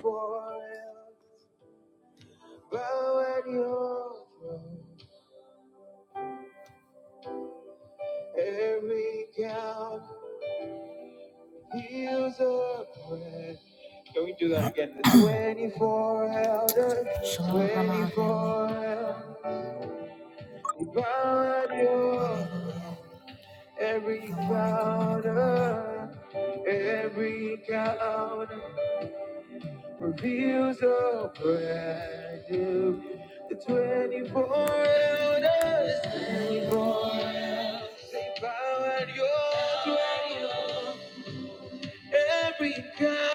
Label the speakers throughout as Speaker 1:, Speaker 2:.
Speaker 1: Forever bow at your throne. Every count heals a prayer. Can we do that again? The 24 elders bow at your throne. every counter, every counter. reveals a brand new. The 24 elders, 24 elders, they bow at your throne. Every God.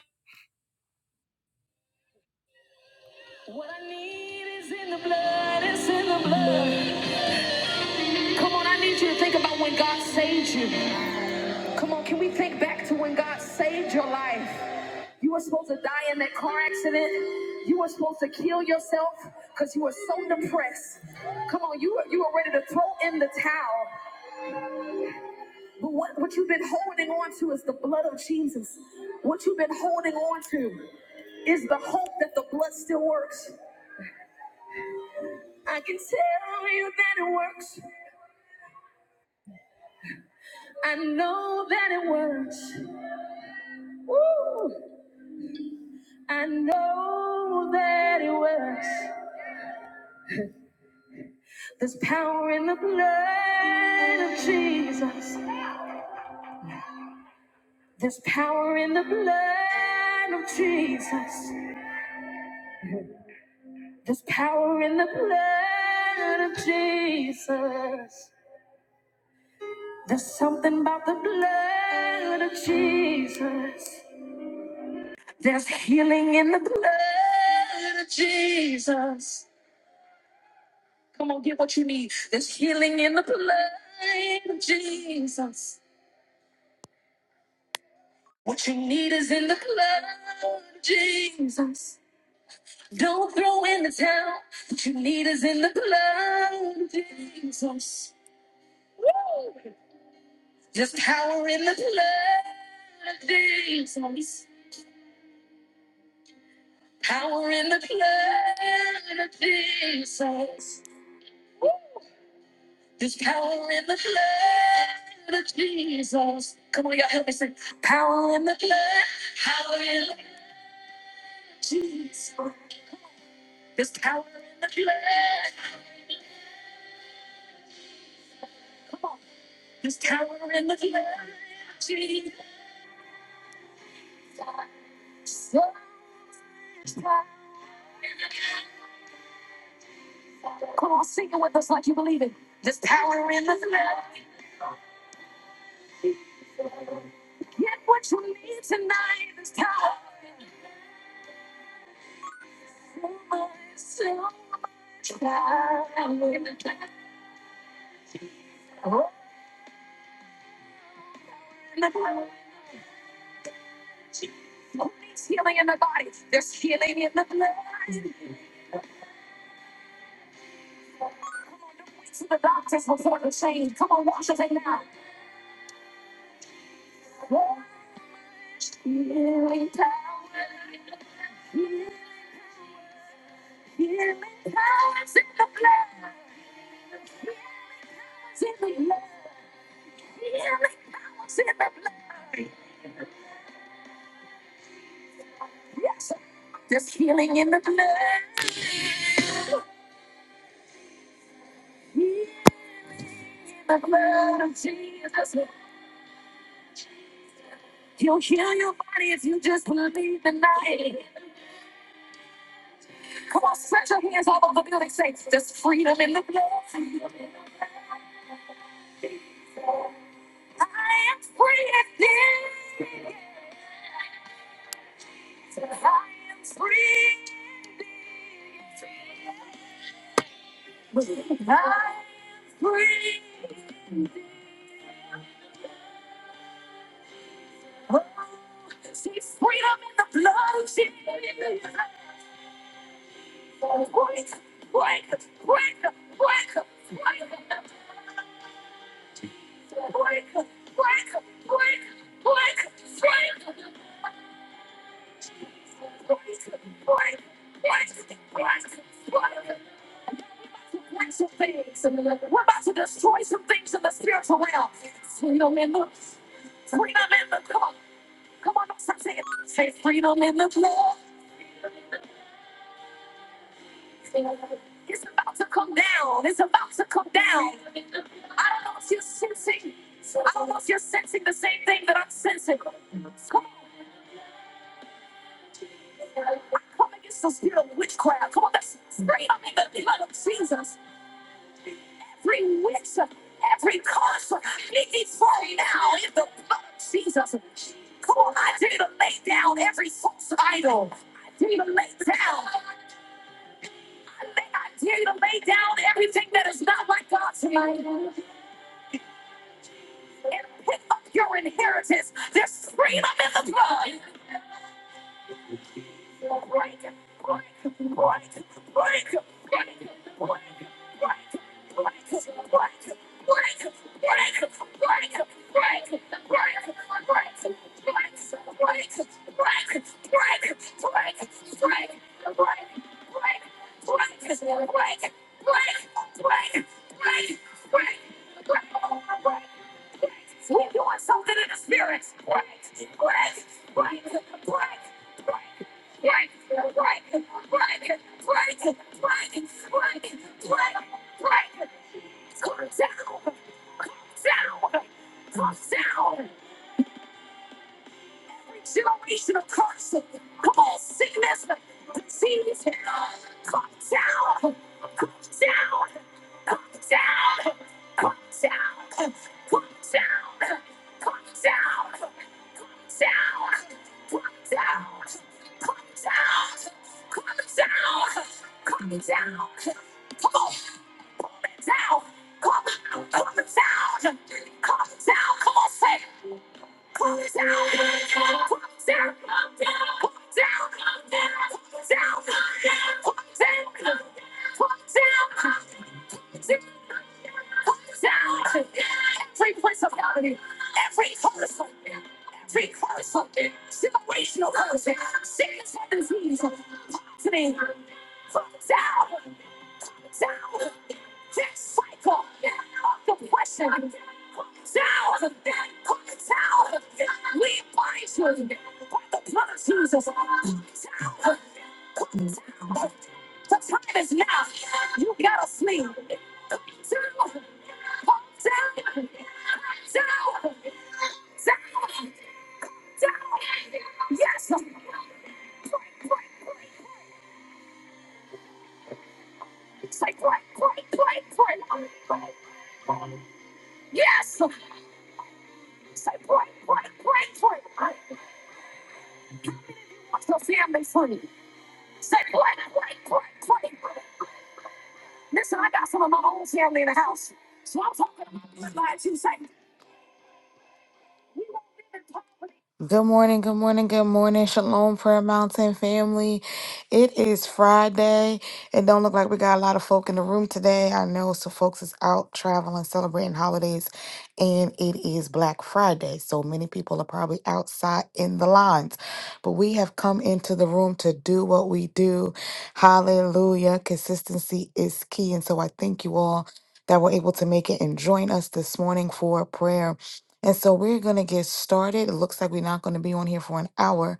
Speaker 1: Good morning, good morning, good morning, Shalom Prayer Mountain family. It is Friday. It don't look like we got a lot of folk in the room today. I know some folks is out traveling, celebrating holidays, and it is Black Friday. So many people are probably outside in the lines. But we have come into the room to do what we do. Hallelujah. Consistency is key. And so I thank you all that were able to make it and join us this morning for prayer. And so we're going to get started. It looks like we're not going to be on here for an hour.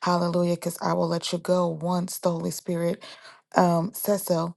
Speaker 1: Hallelujah, because I will let you go once the Holy Spirit um, says so.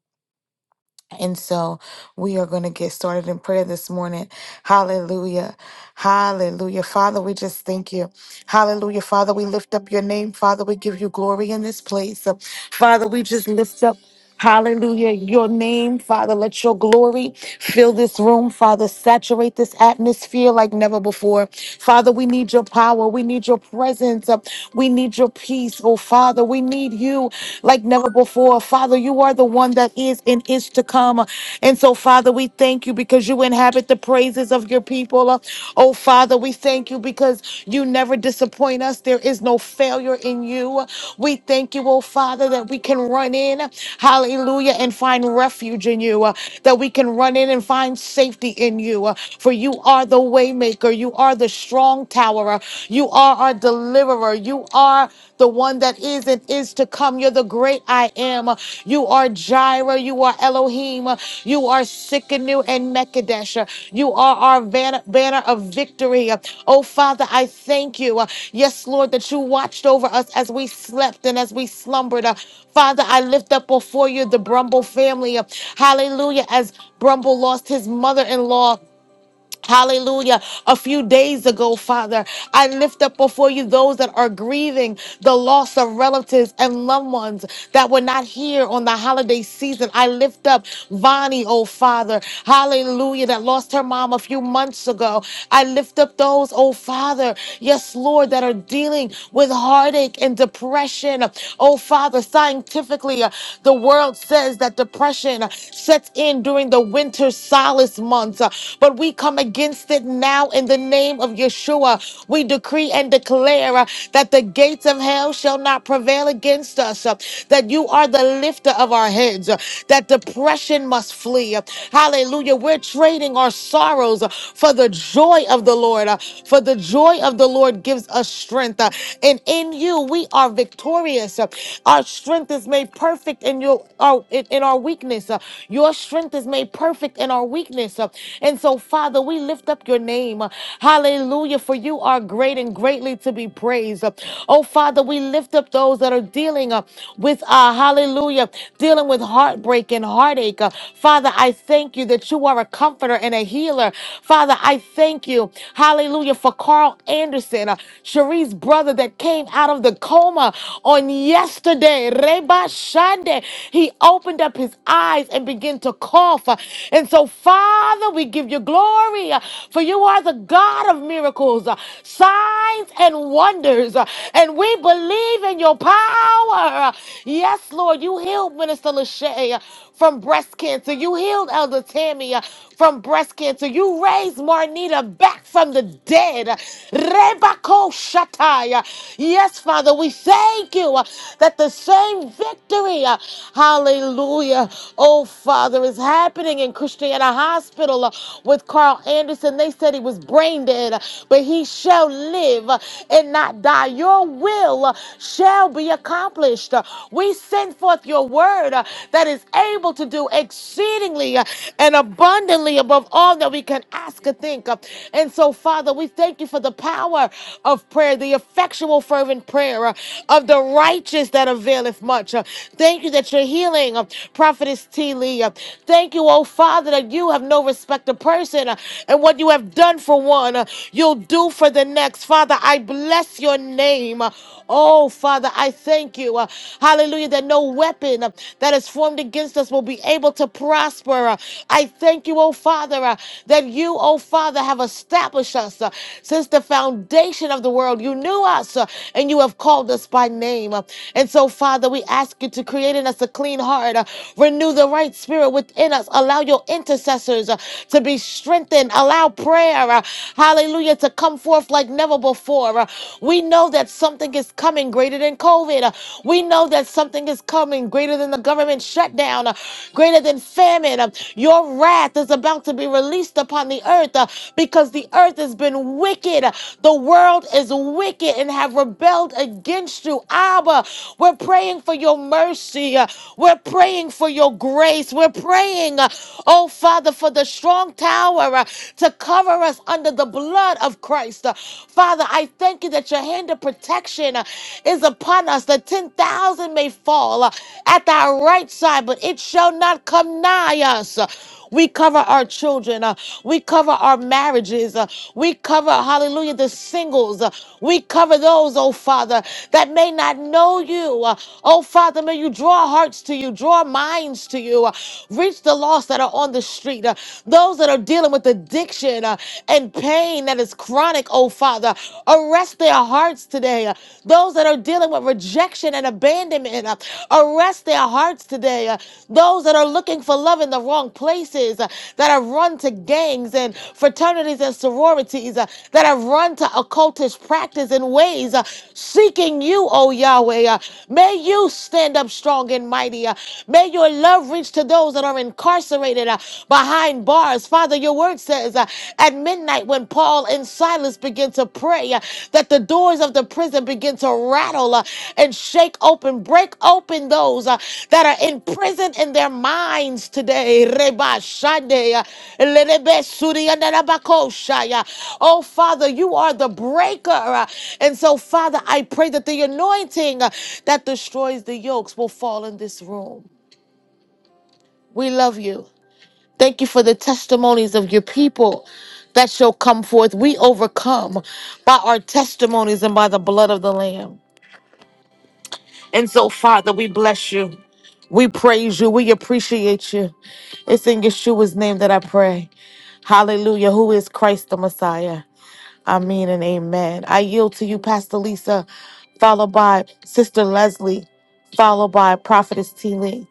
Speaker 1: And so we are going to get started in prayer this morning. Hallelujah. Hallelujah. Father, we just thank you. Hallelujah. Father, we lift up your name. Father, we give you glory in this place. Father, we just lift up. Hallelujah. Your name, Father, let your glory fill this room. Father, saturate this atmosphere like never before. Father, we need your power. We need your presence. We need your peace. Oh, Father, we need you like never before. Father, you are the one that is and is to come. And so, Father, we thank you because you inhabit the praises of your people. Oh, Father, we thank you because you never disappoint us. There is no failure in you. We thank you, oh, Father, that we can run in, hallelujah, and find refuge in you, uh, that we can run in and find safety in you. uh, For you are the waymaker. You are the strong tower. uh, You are are our deliverer. You are the one that is and is to come. You're the great I am. You are Jireh. You are Elohim. You are Sikkenu and Mekadesh. You are our banner, banner of victory. Oh, Father, I thank you. Yes, Lord, that you watched over us as we slept and as we slumbered. Father, I lift up before you the Brumble family. Hallelujah. As Brumble lost his mother in law. Hallelujah. A few days ago, Father, I lift up before you those that are grieving the loss of relatives and loved ones that were not here on the holiday season. I lift up Vonnie, oh Father. Hallelujah, that lost her mom a few months ago. I lift up those, oh Father, yes, Lord, that are dealing with heartache and depression. Oh Father, scientifically, uh, the world says that depression uh, sets in during the winter solace months. uh, But we Lord, we come against it now in the name of Yeshua. We decree and declare uh, that the gates of hell shall not prevail against us, uh, that you are the lifter of our heads, uh, that depression must flee. uh, Hallelujah. We're trading our sorrows uh, for the joy of the Lord, uh, for the joy of the Lord gives us strength. uh, And in you, we are victorious. uh, Our strength is made perfect in your our, in, in our weakness. uh, Your strength is made perfect in our weakness. uh, and so, Father, we lift up your name. Hallelujah. For you are great and greatly to be praised. Oh, Father, we lift up those that are dealing uh, with, uh, hallelujah, dealing with heartbreak and heartache. Uh, Father, I thank you that you are a comforter and a healer. Father, I thank you, hallelujah, for Carl Anderson, uh, Cherie's brother that came out of the coma on yesterday. Reba Shande. He opened up his eyes and began to cough. Uh, And so, Father, Father, we give you glory, uh, for you are the God of miracles, uh, signs, and wonders. uh, And we believe in your power. Uh, Yes, Lord, you healed Minister Lachey uh, from breast cancer. You healed Elder Tammy uh, from breast cancer. You raised Marnita back from the dead. Rebako Shatai. Uh, Yes, Father, we thank you uh, that the same victory, uh, hallelujah, oh Father, is happening in Christianity in a hospital uh, with Carl Anderson. They said he was brain dead, uh, but he shall live uh, and not die. Your will uh, shall be accomplished. Uh, We send forth your word uh, that is able to do exceedingly uh, and abundantly above all that we can ask or think. Uh, And so, Father, we thank you for the power of prayer, the effectual, fervent prayer uh, of the righteous that availeth much. Uh, Thank you that you're healing, uh, Prophetess T. Lee. Uh, Thank you, oh Father, that you have no respect of person, uh, and what you have done for one, uh, you'll do for the next. Father, I bless your name. Uh, Oh, Father, I thank you. uh, Hallelujah, that no weapon uh, that is formed against us will be able to prosper. Uh, I thank you, oh Father, uh, that you, oh Father, have established us uh, since the foundation of the world. You knew us uh, and you have called us by name. Uh, And so, Father, we ask you to create in us a clean heart, uh, renew the right spirit within us in us. Allow your intercessors uh, to be strengthened. Allow prayer, uh, hallelujah, to come forth like never before. Uh, we know that something is coming greater than COVID. Uh, we know that something is coming greater than the government shutdown, uh, greater than famine. Uh, your wrath is about to be released upon the earth uh, because the earth has been wicked. Uh, The world is wicked and have rebelled against you. Abba, we're praying for your mercy. Uh, We're praying for your grace. We're we're praying, uh, oh Father, for the strong tower uh, to cover us under the blood of Christ. Uh, Father, I thank you that your hand of protection uh, is upon us. The 10,000 may fall uh, at our right side, but it shall not come nigh us. We cover our children. uh, we cover our marriages. uh, we cover, hallelujah, the singles. uh, we cover those, oh Father, that may not know you. uh, oh Father, may you draw hearts to you, draw minds to you. uh, reach the lost that are on the street, uh, those that are dealing with addiction uh, and pain that is chronic, oh Father. Arrest their hearts today. uh, those that are dealing with rejection rejection and abandonment. Uh, Arrest their hearts today. Uh, Those that are looking for love in the wrong places, uh, that have run to gangs and fraternities and sororities, uh, that have run to occultist practice and ways, uh, seeking you, O Yahweh. Uh, May you stand up strong and mighty. Uh, May your love reach to those that are incarcerated uh, behind bars. Father, your word says, uh, admit Night when Paul and Silas begin to pray uh, that the doors of the prison begin to rattle uh, and shake open, break open those uh, that are imprisoned in their minds today. Reba shande, uh, lerebe suri andarabako shaya. Oh, Father, you are the breaker. uh, And so, Father, I pray that the anointing uh, that destroys the yokes will fall in this room. We love you. Thank you for the testimonies of your people that shall come forth. We overcome by our testimonies and by the blood of the Lamb. And so, Father, we bless you. We praise you. We appreciate you. It's in Yeshua's name that I pray. Hallelujah. Who is Christ the Messiah? Amen and amen. I yield to you, Pastor Lisa, followed by Sister Leslie, followed by Prophetess T. Lee.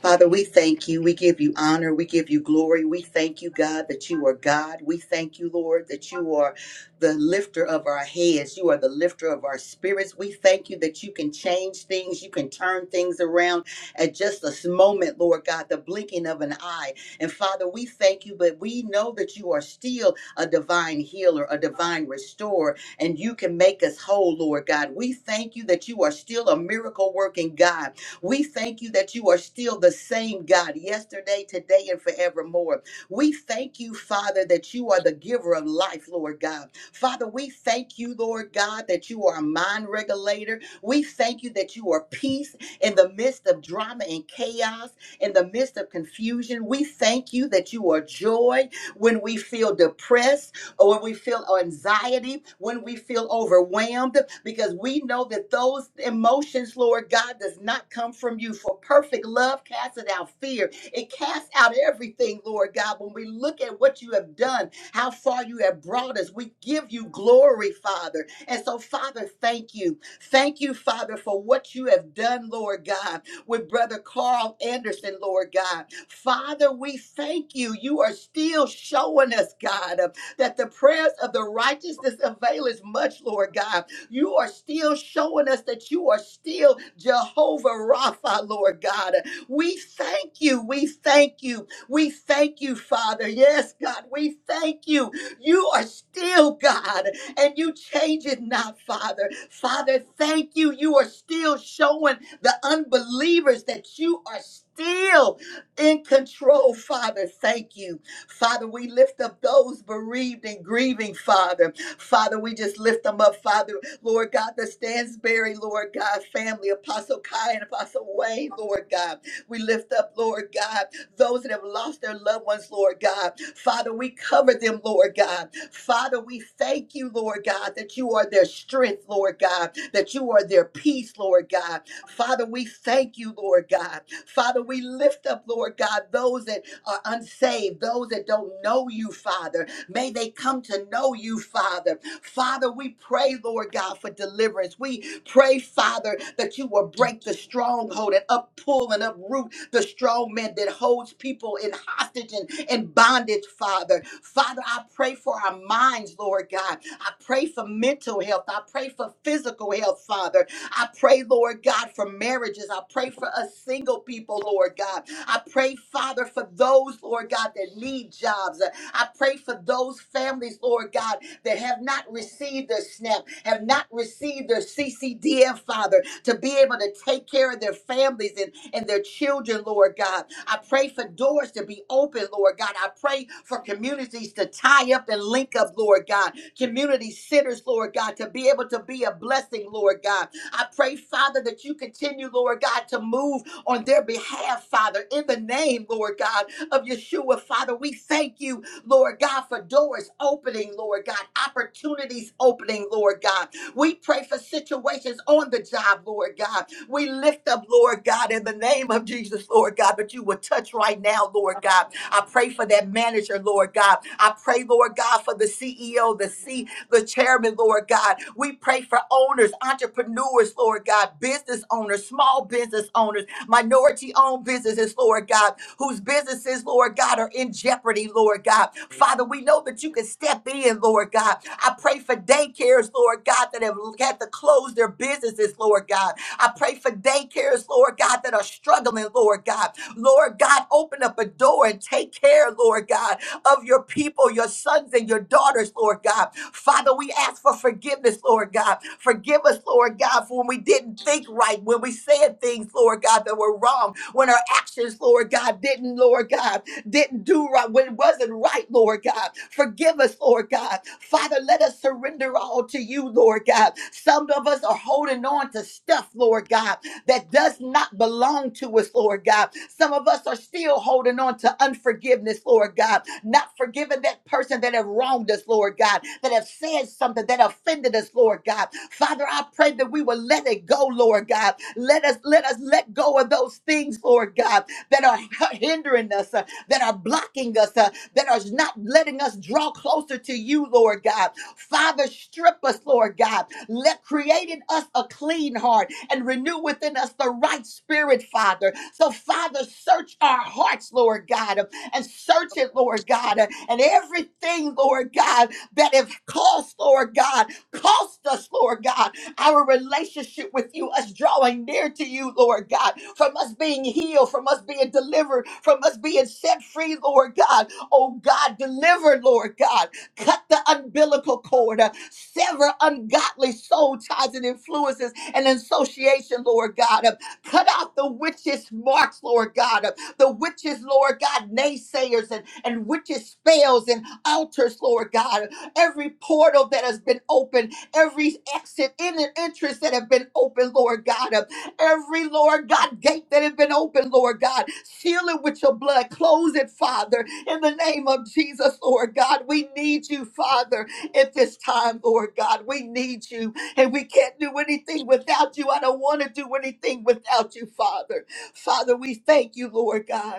Speaker 2: Father, we thank you. We give you honor. We give you glory. We thank you, God, that you are God. We thank you, Lord, that you are the lifter of our heads. You are the lifter of our spirits. We thank you that you can change things. You can turn things around at just a moment, Lord God, the blinking of an eye. And Father, we thank you, but we know that you are still a divine healer, a divine restorer, and you can make us whole, Lord God. We thank you that you are still a miracle working God we thank you that you are still the same God yesterday, today, and forevermore. We thank you, Father, that you are the giver of life, Lord God. Father, we thank you, Lord God, that you are a mind regulator. We thank you that you are peace in the midst of drama and chaos, in the midst of confusion. We thank you that you are joy when we feel depressed or when we feel anxiety, when we feel overwhelmed, because we know that those emotions, Lord God, does not come from you. For perfect love casteth out fear. It casts out everything, Lord God. When we look at what you have done, how far you have brought us, we give you glory, Father. And so, Father, thank you. Thank you, Father, for what you have done, Lord God, with Brother Carl Anderson, Lord God. Father, we thank you. You are still showing us, God that the prayers of the righteousness availeth much, Lord God. You are still showing us that you are still Jehovah Rapha, Lord God. We thank you. We thank you. We thank you, Father. Yes, God, we thank you. You are still God and you change it not, Father. Father, thank you. You are still showing the unbelievers that you are still in control, Father. Thank you. Father, we lift up those bereaved and grieving, Father. Father, we just lift them up, Father. Lord God, the Stansberry, Lord God, family, Apostle Kai and Apostle Wayne, Lord God. We lift up, Lord God, those that have lost their loved ones, Lord God. Father, we cover them, Lord God. Father, we thank you, Lord God, that you are their strength, Lord God, that you are their peace, Lord God. Father, we thank you, Lord God. Father, we lift up, Lord God, those that are unsaved, those that don't know you, Father. May they come to know you, Father. Father, we pray, Lord God, for deliverance. We pray, Father, that you will break the stronghold and uppull and uproot the strong man that holds people in hostage and, and bondage, Father. Father, I pray for our minds, Lord God. I pray for mental health. I pray for physical health, Father. I pray, Lord God, for marriages. I pray for us single people, Lord God. I pray, Father, for those, Lord God, that need jobs. I pray for those families, Lord God, that have not received their SNAP, have not received their CCDF, Father, to be able to take care of their families and, and their children, Lord God. I pray for doors to be open, Lord God. I pray for communities to tie up and link up, Lord God. Community centers, Lord God, to be able to be a blessing, Lord God. I pray, Father, that you continue, Lord God, to move on their behalf, Father, in the name, Lord God, of Yeshua, Father. We thank you, Lord God, for doors opening, Lord God, opportunities opening, Lord God. We pray for situations on the job, Lord God. We lift up, Lord God, in the name of Jesus, Lord God, but you will touch right now, Lord God. I pray for that manager, Lord God. I pray, Lord God, for the CEO, the C, the chairman, Lord God. We pray for owners, entrepreneurs, Lord God, business owners, small business owners minority owned businesses, Lord God, whose businesses, Lord God, are in jeopardy, Lord God. Father, we know that you can step in, Lord God. I pray for daycares, Lord God, that have had to close their businesses, Lord God. I pray for daycares, Lord God, that are struggling, Lord God. Lord God, open up a door and take care, Lord God of your people, your sons and your daughters, Lord God. Father, we ask for forgiveness, Lord God. Forgive us, Lord God, for when we didn't think right, when we said things, Lord God, that were wrong, when our actions, Lord God, didn't, Lord God, didn't do right, what wasn't right, Lord God. Forgive us, Lord God. Father, let us surrender all to you, Lord God. Some of us are holding on to stuff, Lord God, that does not belong to us, Lord God. Some of us are still holding on to unforgiveness, Lord God, not forgiving that person that have wronged us, Lord God, that have said something that offended us, Lord God. Father, I pray that we will let it go, Lord God. Let us let us let go of those things, Lord God, that are hindering us that are blocking us, uh, that are not letting us draw closer to you, Lord God. Father, strip us, Lord God. Let create in us a clean heart and renew within us the right spirit, Father. So, Father, search our hearts, Lord God, and search it, Lord God, and everything, Lord God, that have cost, Lord God, cost us, Lord God our relationship with you, us drawing near to you, Lord God, from us being healed, from us being delivered, from us being set free, Lord God. Oh God, deliver, Lord God. Cut the umbilical cord, uh, sever ungodly soul ties and influences and association, Lord God. Uh, Cut out the witches' marks, Lord God. Uh, The witches, Lord God, naysayers and, and witches' spells and altars, Lord God. Every portal that has been opened every exit in and entrance that have been open, Lord God. Uh, Every, Lord God, gate that has been open, Lord God. Seal it with your blood. Close it, Father, in the name of Jesus, Lord God. We need you, Father, at this time, Lord God. We need you, and we can't do anything without you. I don't want to do anything without you, Father. Father, we thank you, Lord God.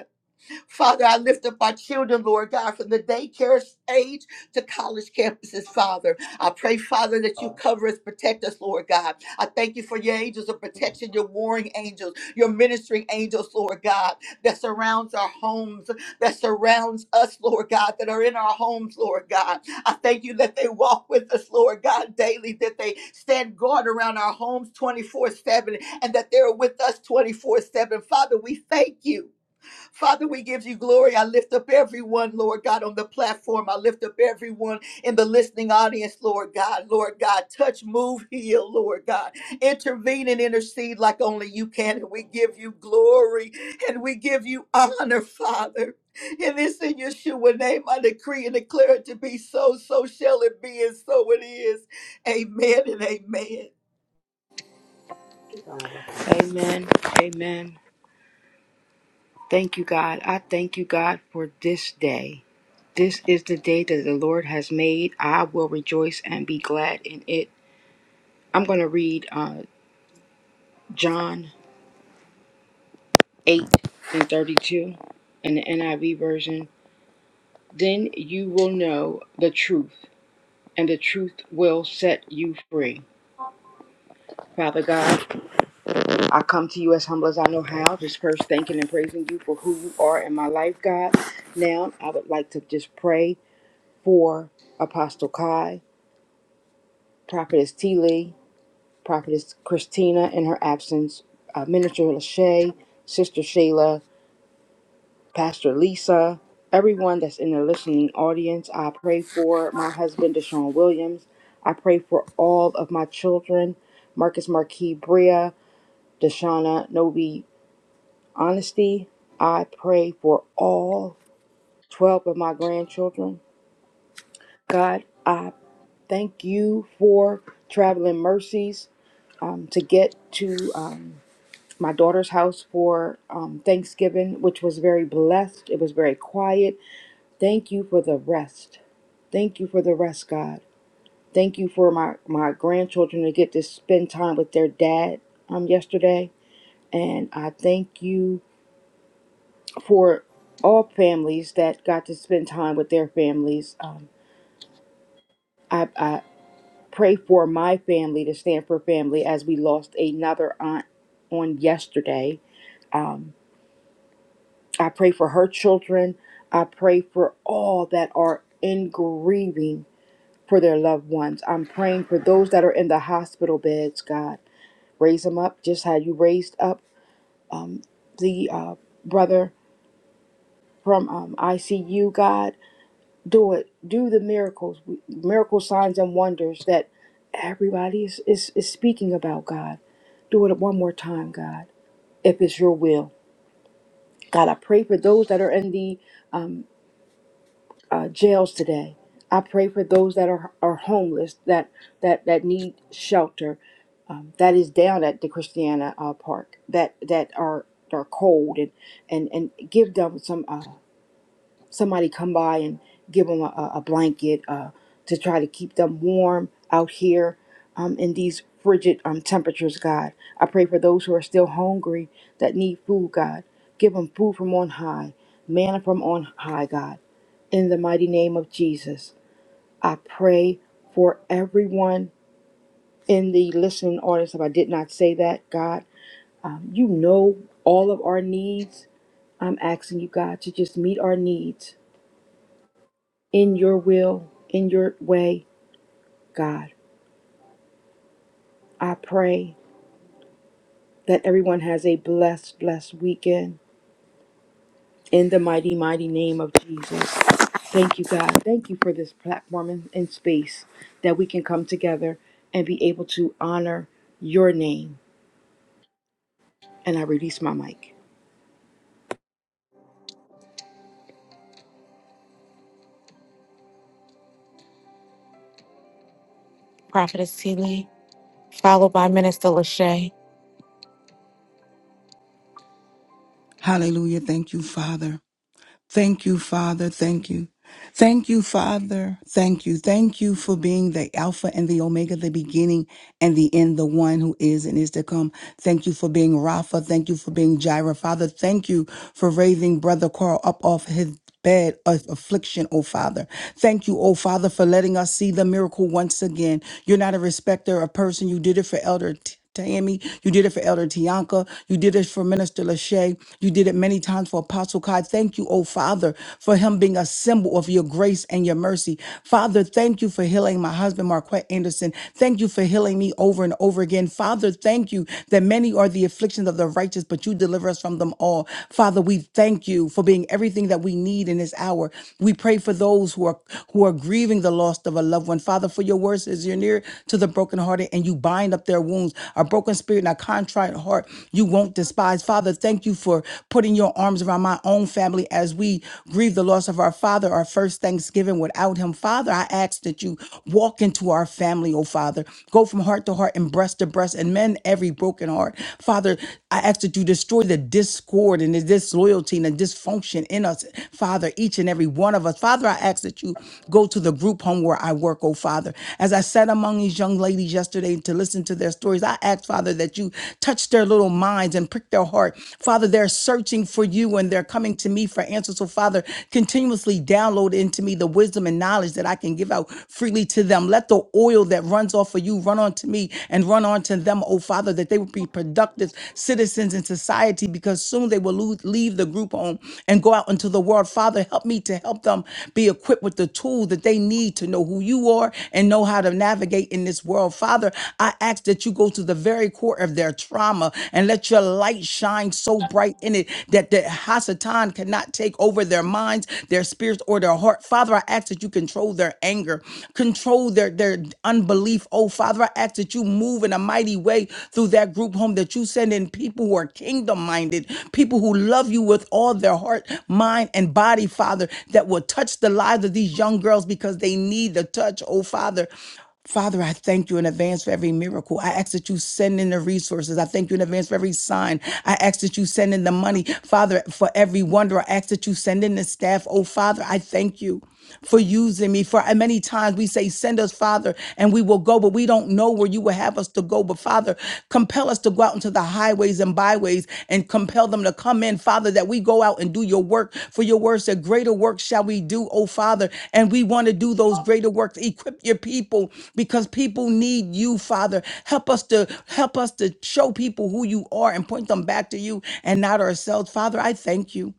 Speaker 2: Father, I lift up our children, Lord God, from the daycare age to college campuses, Father. I pray, Father, that you cover us, protect us, Lord God. I thank you for your angels of protection, your warring angels, your ministering angels, Lord God, that surrounds our homes, that surrounds us, Lord God, that are in our homes, Lord God. I thank you that they walk with us, Lord God, daily, that they stand guard around our homes 24 7, and that they're with us 24 7. Father, we thank you. Father, we give you glory. I lift up everyone, Lord God, on the platform. I lift up everyone in the listening audience, Lord God. Lord God, touch, move, heal, Lord God. Intervene and intercede like only you can. And we give you glory and we give you honor, Father. And this in Yeshua name, I decree and declare it to be so. So shall it be, and so it is. Amen and amen.
Speaker 3: Amen. Amen. Thank you, God. I thank you, God, for this day. This is the day that the Lord has made. I will rejoice and be glad in it. I'm going to read uh, John 8 and 32 in the NIV version. Then you will know the truth, and the truth will set you free. Father God, I come to you as humble as I know how, just first thanking and praising you for who you are in my life, God. Now, I would like to just pray for Apostle Kai, Prophetess T. Lee, Prophetess Christina in her absence, uh, Minister Lachey, Sister Shayla, Pastor Lisa, everyone that's in the listening audience. I pray for my husband, Deshaun Williams. I pray for all of my children, Marcus Marquis Bria, Deshauna Novi Honesty. I pray for all 12 of my grandchildren. God, I thank you for traveling mercies um, to get to um, my daughter's house for um, Thanksgiving, which was very blessed. It was very quiet. Thank you for the rest. Thank you for the rest, God. Thank you for my, my grandchildren to get to spend time with their dad um, yesterday. And I thank you for all families that got to spend time with their families. Um, I, I pray for my family, the Stanford family, as we lost another aunt on yesterday. Um, I pray for her children. I pray for all that are in grieving for their loved ones. I'm praying for those that are in the hospital beds, God. Raise them up just how you raised up um, the uh, brother from um, ICU, God. Do it. Do the miracles, miracle signs and wonders that everybody is, is, is speaking about, God. Do it one more time, God, if it's your will. God, I pray for those that are in the um, uh, jails today. I pray for those that are, are homeless, that, that, that need shelter, um, that is down at the Christiana uh, Park, that, that are, are cold, and, and, and give them some. uh, somebody come by and give them a, a blanket uh, to try to keep them warm out here um, in these frigid um, temperatures, God. I pray for those who are still hungry that need food, God. Give them food from on high, manna from on high, God. In the mighty name of Jesus, I pray for everyone in the listening audience. If I did not say that, God, um, you know all of our needs. I'm asking you, God, to just meet our needs in your will, in your way, God. I pray that everyone has a blessed, blessed weekend in the mighty, mighty name of Jesus. Thank you, God. Thank you for this platform and, and space that we can come together and be able to honor your name. And I release my mic.
Speaker 1: Prophetess Seeley, followed by Minister Lachey.
Speaker 4: Hallelujah. Thank you, Father. Thank you, Father. Thank you. Thank you, Father. Thank you. Thank you for being the Alpha and the Omega, the beginning and the end, the one who is and is to come. Thank you for being Rapha. Thank you for being Jireh. Father, thank you for raising Brother Carl up off his bed of affliction, oh Father. Thank you, oh Father, for letting us see the miracle once again. You're not a respecter of person. You did it for Elder. Tammy. You did it for Elder Tianka. You did it for Minister Lachey. You did it many times for Apostle Kai. Thank you, oh Father, for him being a symbol of your grace and your mercy. Father, thank you for healing my husband, Marquette Anderson. Thank you for healing me over and over again. Father, thank you that many are the afflictions of the righteous, but you deliver us from them all. Father, we thank you for being everything that we need in this hour. We pray for those who are who are grieving the loss of a loved one loved one. Father, for your words is you're near to the brokenhearted and you bind up their wounds. A broken spirit and a contrite heart you won't despise. Father, thank you for putting your arms around my own family as we grieve the loss of our father, our first Thanksgiving without him. Father, I ask that you walk into our family, oh Father. Go from heart to heart and breast to breast and mend every broken heart. Father, I ask that you destroy the discord and the disloyalty and the dysfunction in us. Father, Father, each and every one of us. Father, I ask that you go to the group home where I work, oh Father. As I sat among these young ladies yesterday to listen to their stories, I ask, Father, that you touch their little minds and prick their heart. Father, they're searching for you and they're coming to me for answers. So, Father, continuously download into me the wisdom and knowledge that I can give out freely to them. Let the oil that runs off of you run onto me and run onto them, oh Father, that they would be productive citizens and in society because soon they will lose, leave the group home and go out into the world. Father, help me to help them be equipped with the tool that they need to know who you are and know how to navigate in this world. Father, I ask that you go to the very core of their trauma and let your light shine so bright in it that the Hasatan cannot take over their minds, their spirits, or their heart. Father, I ask that you control their anger, control their, their unbelief. Oh, Father, I ask ask that you move in a mighty way through that group home, that you send in people who are kingdom minded, people who love you with all their heart, mind, and body, Father, that will touch the lives of these young girls because they need the touch, oh Father. Father, I thank you in advance for every miracle. I ask that you send in the resources. I thank you in advance for every sign. I ask that you send in the money. Father, for every wonder, I ask that you send in the staff. Oh, Father, I thank you for using me. For and many times we say, Send us, Father, and we will go, but we don't know where you will have us to go. But Father, compel us to go out into the highways and byways and compel them to come in, Father, that we go out and do your work. For your word said, Greater work shall we do, oh Father. And we want to do those greater works. Equip your people because people need you, Father. Help us to help us to show people who you are and point them back to you and not ourselves. Father, I thank you.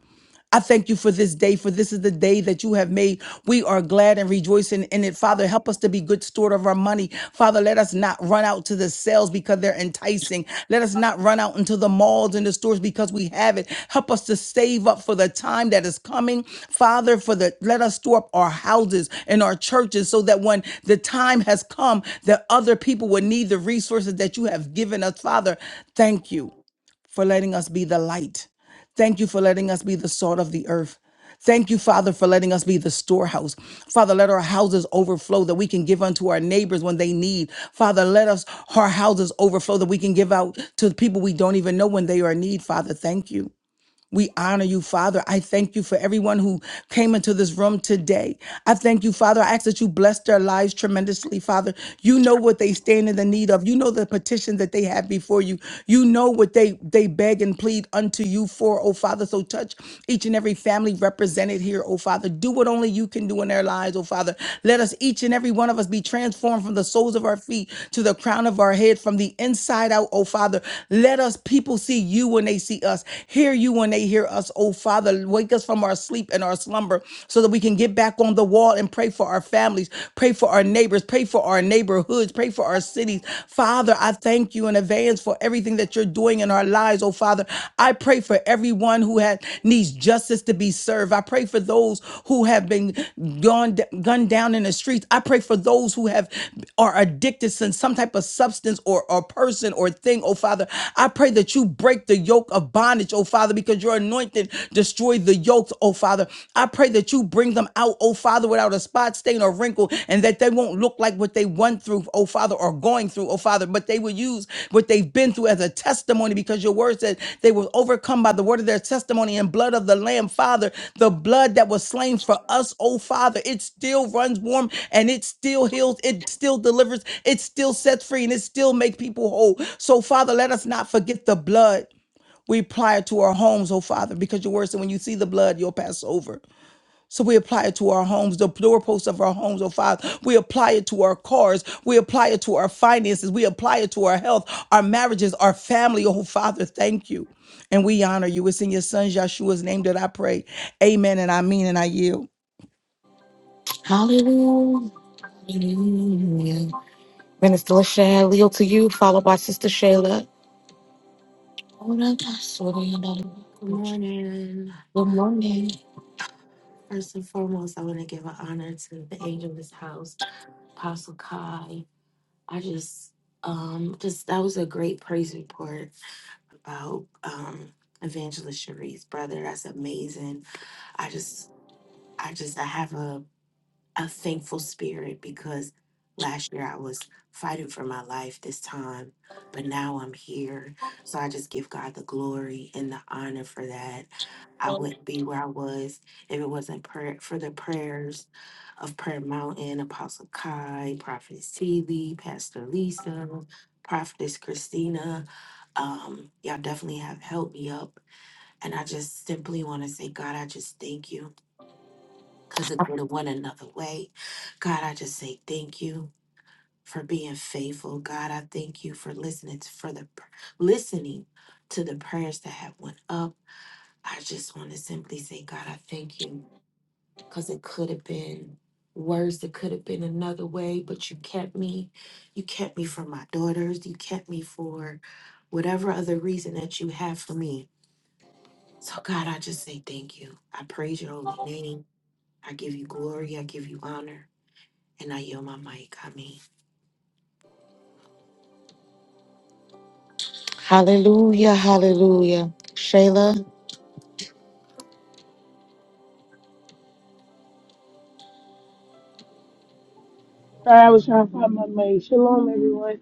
Speaker 4: I thank you for this day, for this is the day that you have made. We are glad and rejoicing in it. Father, help us to be good steward of our money. Father, let us not run out to the sales because they're enticing. Let us not run out into the malls and the stores because we have it. Help us to save up for the time that is coming. Father, for the let us store up our houses and our churches so that when the time has come, that other people would need the resources that you have given us. Father, thank you for letting us be the light. Thank you for letting us be the salt of the earth. Thank you, Father, for letting us be the storehouse. Father, let our houses overflow that we can give unto our neighbors when they need. Father, let us our houses overflow that we can give out to the people we don't even know when they are in need. Father, thank you. We honor you, Father. I thank you for everyone who came into this room today. I thank you, Father. I ask that you bless their lives tremendously, Father. You know what they stand in the need of. You know the petition that they have before you. You know what they they beg and plead unto you for, oh Father. So touch each and every family represented here, oh Father. Do what only you can do in their lives, oh Father. Let us each and every one of us be transformed from the soles of our feet to the crown of our head, from the inside out, oh Father. Let us people see you when they see us. Hear Hear you when they hear us, oh Father. Wake us from our sleep and our slumber so that we can get back on the wall and pray for our families, pray for our neighbors, pray for our neighborhoods, pray for our cities. Father, I thank you in advance for everything that you're doing in our lives, oh Father. I pray for everyone who has needs justice to be served. I pray for those who have been gone, gunned down in the streets. I pray for those who have are addicted to some type of substance or, or person or thing, oh Father. I pray that you break the yoke of of bondage, oh Father, because your anointing destroyed the yokes, oh Father. I pray that you bring them out, oh Father, without a spot, stain, or wrinkle, and that they won't look like what they went through, oh Father, or going through, oh Father, but they will use what they've been through as a testimony because your word said they were overcome by the word of their testimony and blood of the Lamb, Father, the blood that was slain for us, oh Father. It still runs warm and it still heals, it still delivers, it still sets free, and it still makes people whole. So, Father, let us not forget the blood. We apply it to our homes, oh Father, because your word said when you see the blood, you'll pass over. So we apply it to our homes, the doorposts of our homes, oh Father. We apply it to our cars. We apply it to our finances. We apply it to our health, our marriages, our family, oh Father. Thank you. And we honor you. It's in your son Joshua's name that I pray. Amen. And I mean and I yield.
Speaker 1: Hallelujah. Hallelujah. Minister Lachey, I yield to you, followed by Sister Shayla.
Speaker 5: Good morning.
Speaker 1: Good morning.
Speaker 5: First and foremost, I want to give an honor to the angel of this house, Apostle Kai. I just, um, just that was a great praise report about um, Evangelist Cherie's brother. That's amazing. I just, I just, I have a a thankful spirit because last year I was fighting for my life this time, but now I'm here. So I just give God the glory and the honor for that. I wouldn't be where I was if it wasn't prayer, for the prayers of Prayer Mountain, Apostle Kai, Prophetess Seeley, Pastor Lisa, Prophetess Christina. Um, y'all definitely have helped me up. And I just simply want to say, God, I just thank you because it could have went another way. God, I just say thank you for being faithful. God, I thank you for listening to, for the pr- listening to the prayers that have went up. I just want to simply say, God, I thank you because it could have been worse. It could have been another way, but you kept me. You kept me for my daughters. You kept me for whatever other reason that you have for me. So God, I just say thank you. I praise your holy name. I give you glory. I give you honor. And I yield my mic. I mean.
Speaker 1: Hallelujah, hallelujah. Shayla.
Speaker 6: Sorry, I was trying to find my mic. Shalom, everyone.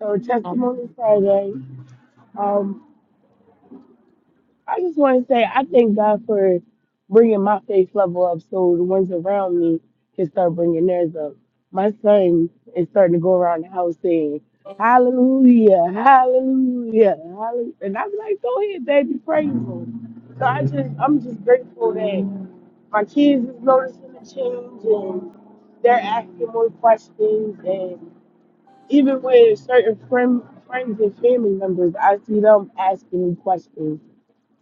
Speaker 6: So, Testimony Friday. Um, I just want to say I thank God for bringing my faith level up so the ones around me can start bringing theirs up. My son is starting to go around the house saying, Hallelujah, Hallelujah, Hallelujah. And I'm like, go ahead, baby, praise him. So I just, I'm just grateful that my kids is noticing the change and they're asking more questions and. Even with certain friend, friends and family members, I see them asking me questions.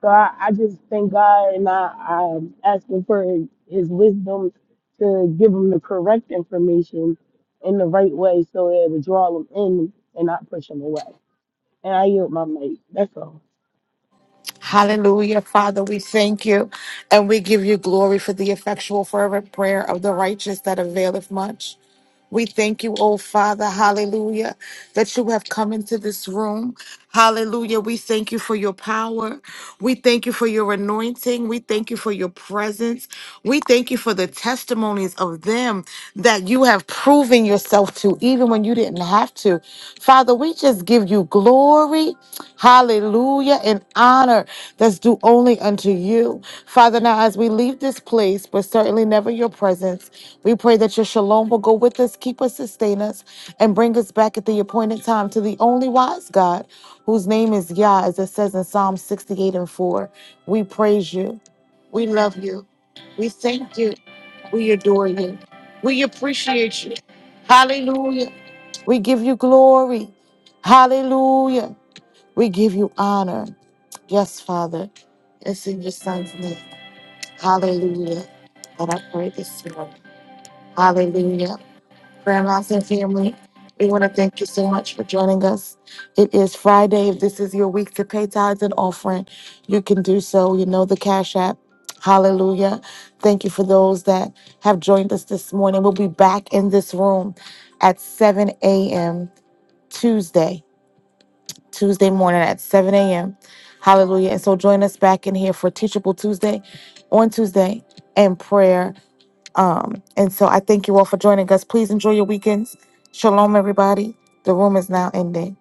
Speaker 6: So I, I just thank God and I, I'm asking for his wisdom to give them the correct information in the right way so it will draw them in and not push them away. And I yield my mic. That's all.
Speaker 1: Hallelujah. Father, we thank you and we give you glory for the effectual, fervent prayer of the righteous that availeth much. We thank you, oh Father, hallelujah, that you have come into this room. Hallelujah. We thank you for your power. We thank you for your anointing. We thank you for your presence. We thank you for the testimonies of them that you have proven yourself to, even when you didn't have to. Father, we just give you glory, hallelujah, and honor that's due only unto you. Father, now as we leave this place, but certainly never your presence, we pray that your shalom will go with us, keep us, sustain us, and bring us back at the appointed time to the only wise God, whose name is Yah, as it says in Psalm 68 and 4. We praise you. We love you. We thank you. We adore you. We appreciate you. Hallelujah. We give you glory. Hallelujah. We give you honor. Yes, Father. It's in your son's name. Hallelujah. And I pray this morning. Hallelujah. Prayer Mountain family, we want to thank you so much for joining us. It is Friday. If this is your week to pay tithes and offering, you can do so. You know the Cash App. Hallelujah. Thank you for those that have joined us this morning. We'll be back in this room at 7 a.m. Tuesday, Tuesday morning at 7 a.m. Hallelujah. And so join us back in here for Teachable Tuesday on Tuesday and prayer. Um, and so I thank you all for joining us. Please enjoy your weekends. Shalom, everybody. The room is now ending.